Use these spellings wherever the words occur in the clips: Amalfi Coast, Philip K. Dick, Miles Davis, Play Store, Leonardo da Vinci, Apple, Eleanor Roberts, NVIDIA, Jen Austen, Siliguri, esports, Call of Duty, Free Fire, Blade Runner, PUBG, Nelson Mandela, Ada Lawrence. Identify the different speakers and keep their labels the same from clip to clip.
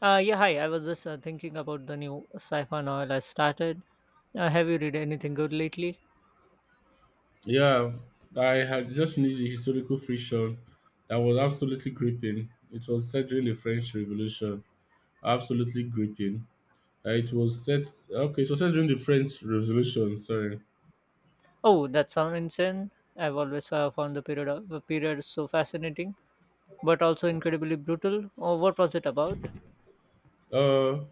Speaker 1: Yeah, hi. I was just thinking about the new sci-fi novel I started. Have you read anything good lately?
Speaker 2: Yeah, I had just finished the historical fiction that was absolutely gripping. It was set during the French Revolution. Absolutely gripping. It was set okay, it was set during the French Revolution, sorry.
Speaker 1: Oh, that sounds insane. I've always found the period so fascinating, but also incredibly brutal. Oh, what was it about?
Speaker 2: Uh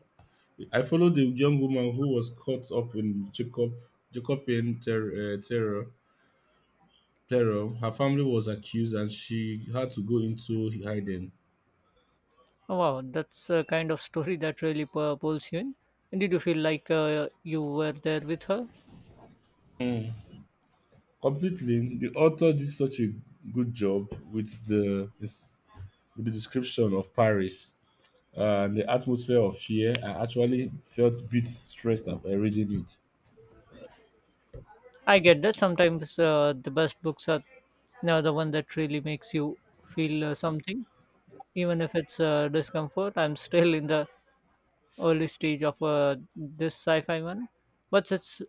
Speaker 2: I followed the young woman who was caught up in Jacobean terror. Her family was accused and she had to go into hiding.
Speaker 1: Oh, wow, that's a kind of story that really pulls you in. And did you feel like you were there with her?
Speaker 2: Mm. Completely, the author did such a good job with the description of Paris, and the atmosphere of fear. I actually felt a bit stressed and reading it.
Speaker 1: I get that sometimes the best books are now the one that really makes you feel something, even if it's discomfort. I'm still in the early stage of this sci-fi one, but it's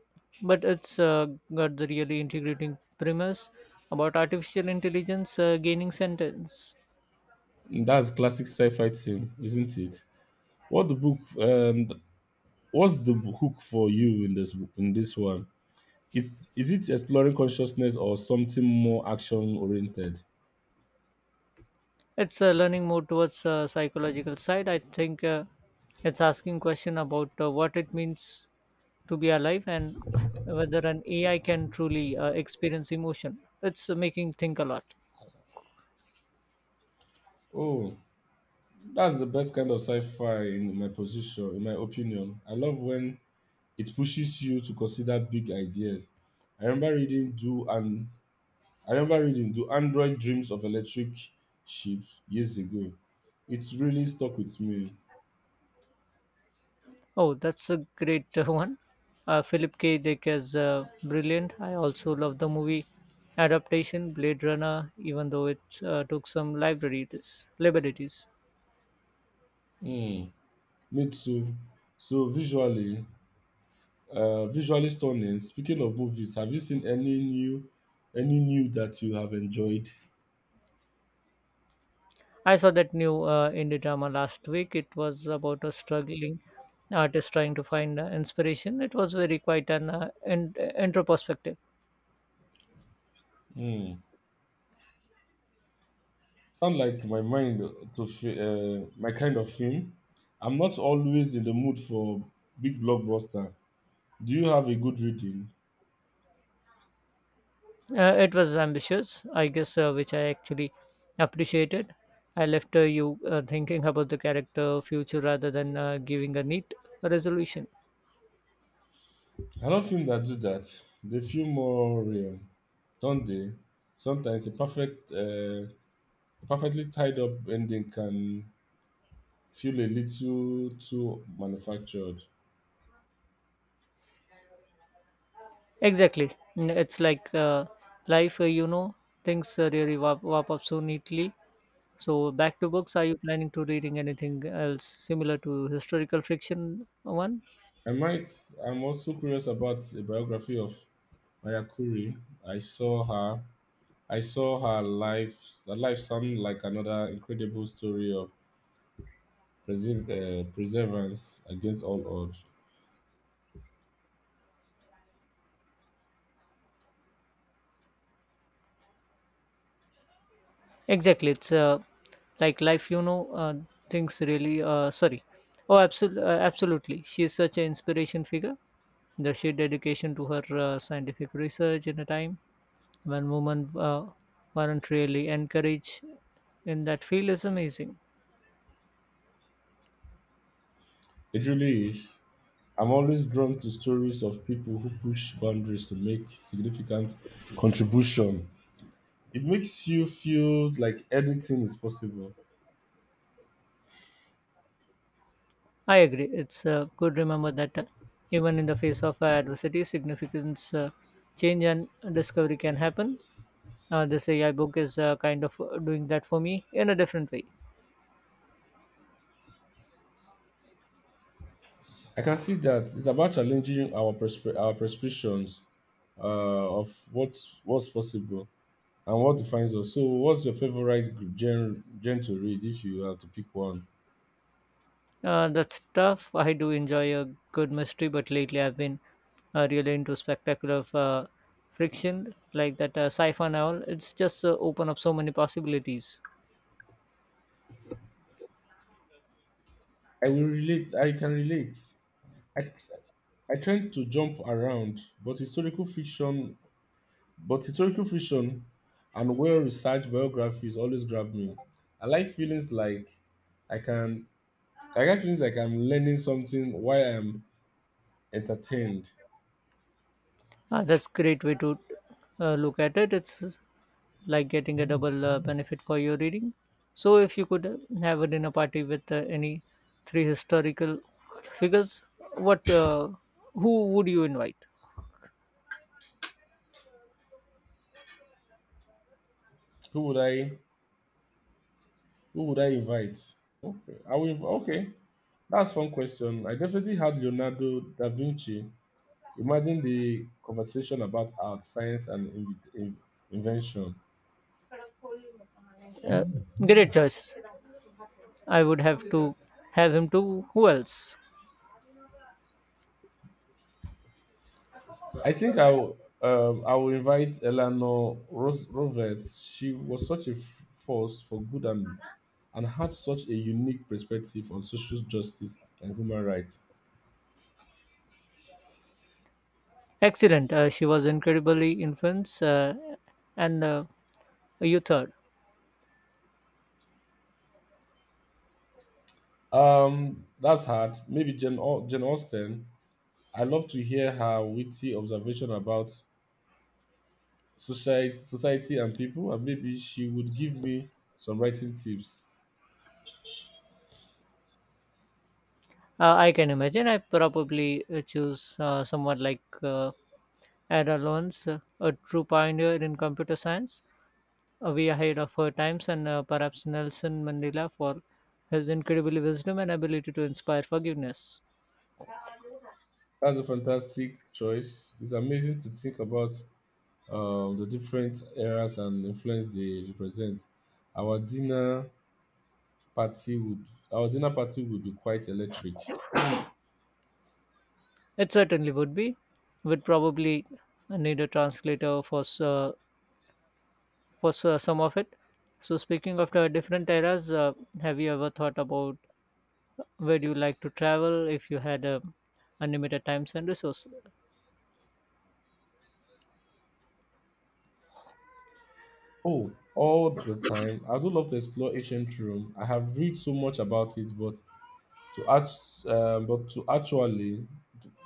Speaker 1: but it's got the really integrating premise about artificial intelligence gaining sentence.
Speaker 2: That's classic sci-fi thing, isn't it? What the book? What's the hook for you in this one? Is it exploring consciousness or something more action oriented?
Speaker 1: It's learning more towards psychological side, I think. It's asking question about what it means to be alive, and whether an ai can truly experience emotion. It's making think a lot.
Speaker 2: Oh, that's the best kind of sci-fi in my opinion. I love when it pushes you to consider big ideas. I remember reading Do and I remember reading Do Android Dreams of Electric Sheep years ago. It really stuck with me.
Speaker 1: Oh, that's a great one. Philip K. Dick is brilliant. I also love the movie adaptation Blade Runner, even though it took some liberties.
Speaker 2: Hmm, me too. So visually, visually stunning. Speaking of movies, have you seen any new that you have enjoyed?
Speaker 1: I saw that new indie drama last week. It was about a struggling artist trying to find inspiration. It was very quite an introspective.
Speaker 2: Hmm. Sound like my mind to fi- my kind of film. I'm not always in the mood for big blockbuster. Do you have a good reading?
Speaker 1: It was ambitious, I guess, which I actually appreciated. I left you thinking about the character future rather than giving a neat resolution.
Speaker 2: I love films that do that. They feel more real, don't they? Sometimes a perfectly tied up ending can feel a little too manufactured.
Speaker 1: Exactly. Mm, it's like life, things really wap up so neatly. So, back to books, are you planning to reading anything else similar to historical fiction one?
Speaker 2: I might. I'm also curious about a biography of Maya Curry. I saw her. I saw her life. Her life sound like another incredible story of perseverance against all odds.
Speaker 1: Exactly. It's like life, things really, sorry. Oh, absolutely, absolutely. She's such an inspiration figure. The sheer dedication to her scientific research in a time when women weren't really encouraged in that field is amazing.
Speaker 2: It really is. I'm always drawn to stories of people who push boundaries to make significant contribution. It makes you feel like anything is possible.
Speaker 1: I agree. It's good remember that even in the face of adversity, significance, change, and discovery can happen. This AI book is kind of doing that for me in a different way.
Speaker 2: I can see that it's about challenging our prescriptions of what's possible and what defines us. So, what's your favorite gen to read if you have to pick one?
Speaker 1: That's tough. I do enjoy a good mystery, but lately I've been really into spectacular friction, like that sci-fi novel. It's just open up so many possibilities.
Speaker 2: I will relate. I can relate. I, I tend to jump around, but historical fiction and well researched biographies always grab me. I like feelings like I can I like feelings like I'm learning something while I'm entertained.
Speaker 1: That's great way to look at it. It's like getting a double benefit for your reading. So if you could have a dinner party with any three historical figures, what who would you invite?
Speaker 2: Who would I who would I invite? Okay. I will okay. That's one question. I definitely had Leonardo da Vinci. Imagine the conversation about art, science, and invention.
Speaker 1: Uh, great choice. I would have to have him to who else?
Speaker 2: I think I will invite Roberts. She was such a force for good and had such a unique perspective on social justice and human rights.
Speaker 1: Excellent. She was incredibly influenced, and you third.
Speaker 2: That's hard. Maybe Jen Austen. I love to hear her witty observation about society and people, and maybe she would give me some writing tips.
Speaker 1: I can imagine. I probably choose someone like Ada Lawrence, a true pioneer in computer science, way ahead of her times, and perhaps Nelson Mandela for his incredible wisdom and ability to inspire forgiveness.
Speaker 2: That's a fantastic choice. It's amazing to think about, the different eras and influence they represent. Our dinner party would our dinner party would be quite electric.
Speaker 1: It certainly would be. Would probably need a translator for some of it. So, speaking of the different eras, have you ever thought about where you like to travel if you had unlimited times and resources?
Speaker 2: Oh, all the time. I do love to explore ancient Rome. I have read so much about it, but to act, um, but to actually,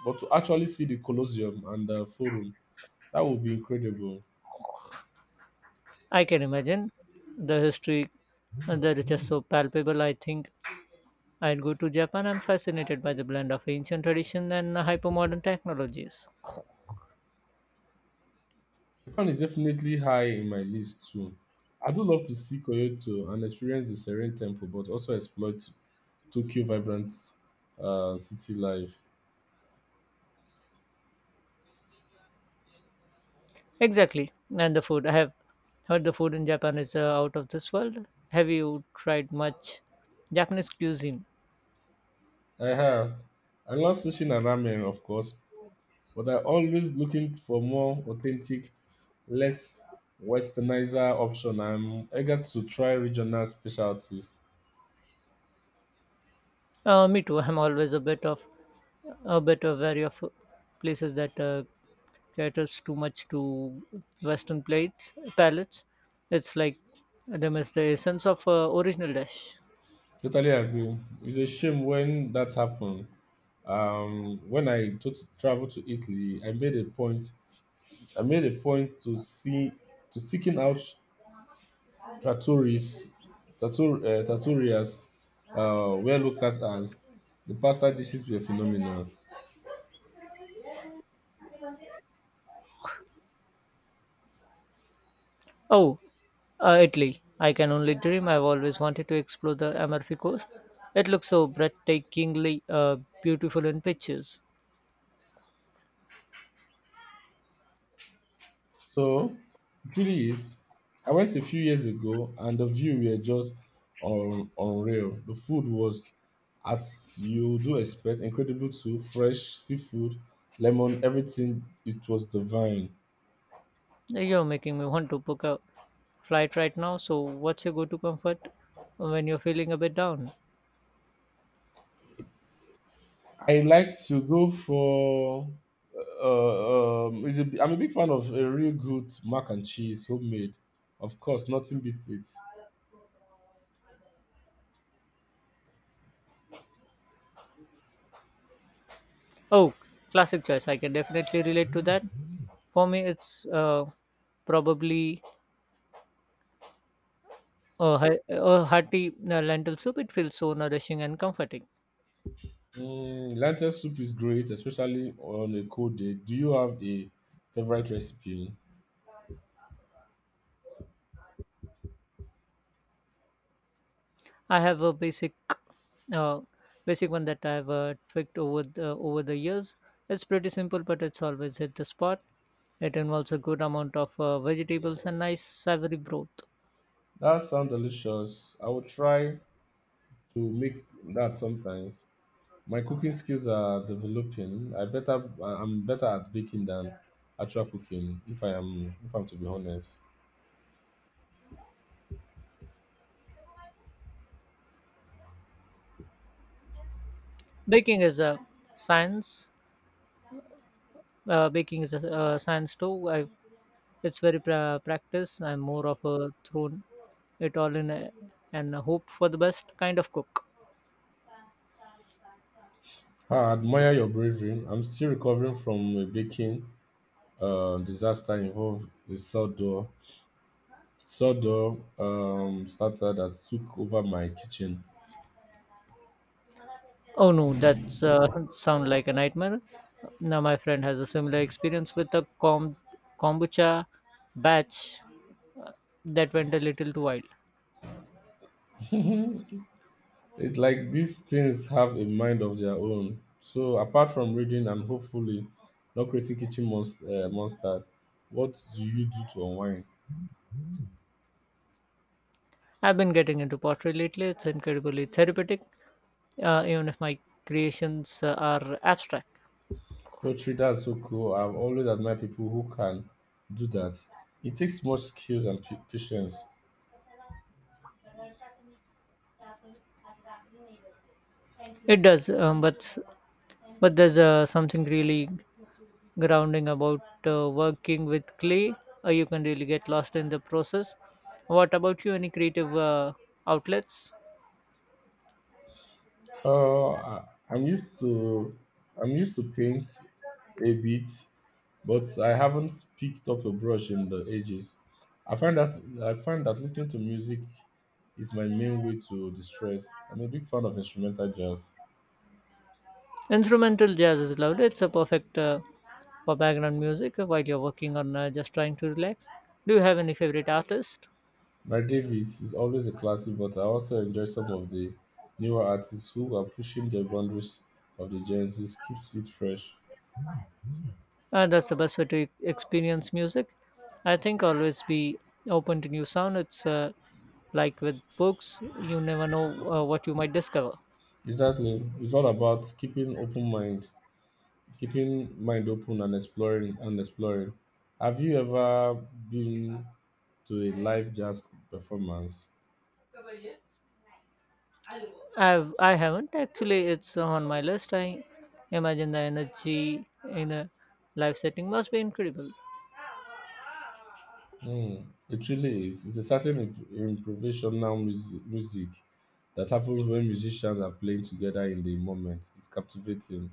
Speaker 2: but to actually see the Colosseum and the Forum, that would be incredible.
Speaker 1: I can imagine the history that is just so palpable. I think I'd go to Japan. I'm fascinated by the blend of ancient tradition and hypermodern technologies.
Speaker 2: Japan is definitely high in my list too. I do love to see Kyoto and experience the serene temple, but also explore Tokyo vibrant city life.
Speaker 1: Exactly, and the food. I have heard the food in Japan is out of this world. Have you tried much Japanese cuisine?
Speaker 2: I have. I love sushi and ramen, of course, but I'm always looking for more authentic, less westernizer option. I'm eager to try regional specialties.
Speaker 1: Me too. I'm always a bit of wary of places that caters too much to Western plates palates. It's like they miss the essence of original dish.
Speaker 2: Totally agree. It's a shame when that happened, when traveled to Italy, I made a point to seeking out trattorias, trattorias where locals are. The pasta dishes were phenomenal.
Speaker 1: Oh, Italy! I can only dream. I've always wanted to explore the Amalfi Coast. It looks so breathtakingly beautiful in pictures.
Speaker 2: So, it really is. I went a few years ago, and the view were just unreal. The food was, as you do expect, incredible too. Fresh seafood, lemon, everything. It was divine.
Speaker 1: You're making me want to book a flight right now. So, what's your go-to comfort when you're feeling a bit down?
Speaker 2: I like to go for. Is a, I'm a big fan of a real good mac and cheese, homemade. Of course, nothing beats it.
Speaker 1: Oh, classic choice. I can definitely relate to that. For me, it's probably a hearty lentil soup. It feels so nourishing and comforting.
Speaker 2: Mm, lentil soup is great, especially on a cold day. Do you have a favorite recipe?
Speaker 1: I have a uh, basic one that I've tweaked over the years. It's pretty simple, but it's always hit the spot. It involves a good amount of vegetables and nice savory broth.
Speaker 2: That sounds delicious. I will try to make that sometimes. My cooking skills are developing. I'm better at baking than actual cooking, if I'm to be honest.
Speaker 1: Baking is a science. Baking is a science too. I it's very practice. I'm more of a thrown it all in a, and hope for the best kind of cook.
Speaker 2: I admire your bravery. I'm still recovering from a baking disaster involved a sawdor starter that took over my kitchen.
Speaker 1: Oh no, that's sound like a nightmare. Now my friend has a similar experience with a kombucha batch that went a little too wild.
Speaker 2: It's like these things have a mind of their own. So apart from reading and hopefully not creating monsters, what do you do to unwind?
Speaker 1: I've been getting into pottery lately. It's incredibly therapeutic, even if my creations are abstract.
Speaker 2: Poetry, that's so cool. I've always admired people who can do that. It takes much skills and patience.
Speaker 1: It does, but there's something really grounding about working with clay. You can really get lost in the process. What about you? Any creative outlets?
Speaker 2: Uh, I- I'm used to I'm used to paint a bit, but I haven't picked up a brush in the ages. I find that I find that listening to music is my main way to distress. I'm a big fan of instrumental jazz.
Speaker 1: Instrumental jazz is lovely. It's a perfect for background music while you're working on just trying to relax. Do you have any favorite artist?
Speaker 2: My Davis is always a classic, but I also enjoy some of the newer artists who are pushing the boundaries of the Gen Z. Keeps it fresh.
Speaker 1: That's the best way to experience music. I think always be open to new sound. It's like with books, you never know what you might discover.
Speaker 2: Exactly, it's all about keeping mind open and exploring and exploring. Have you ever been to a live jazz performance?
Speaker 1: I haven't actually. It's on my list. I imagine the energy in a live setting must be incredible.
Speaker 2: Hmm, it really is. It's a certain improvisational music that happens when musicians are playing together in the moment. It's captivating.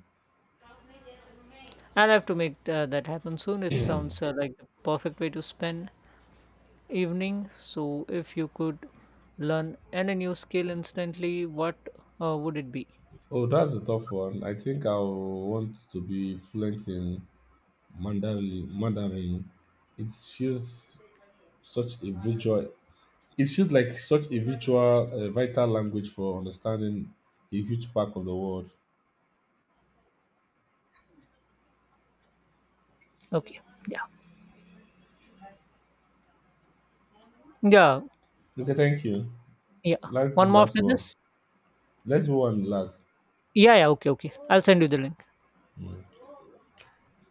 Speaker 1: I'll have to make that happen soon. It sounds like the perfect way to spend evening. So if you could learn any new skill instantly, what would it be?
Speaker 2: Oh, that's a tough one. I think I will want to be fluent in Mandarin. It feels such a visual It feels like such a vital language for understanding a huge part of the world.
Speaker 1: Okay. Yeah. Yeah.
Speaker 2: Okay, thank you.
Speaker 1: Yeah.
Speaker 2: Let's do
Speaker 1: One
Speaker 2: the
Speaker 1: more
Speaker 2: last
Speaker 1: after
Speaker 2: one.
Speaker 1: this.
Speaker 2: Let's do one last.
Speaker 1: Yeah. Yeah. Okay. Okay. I'll send you the link.
Speaker 2: Mm.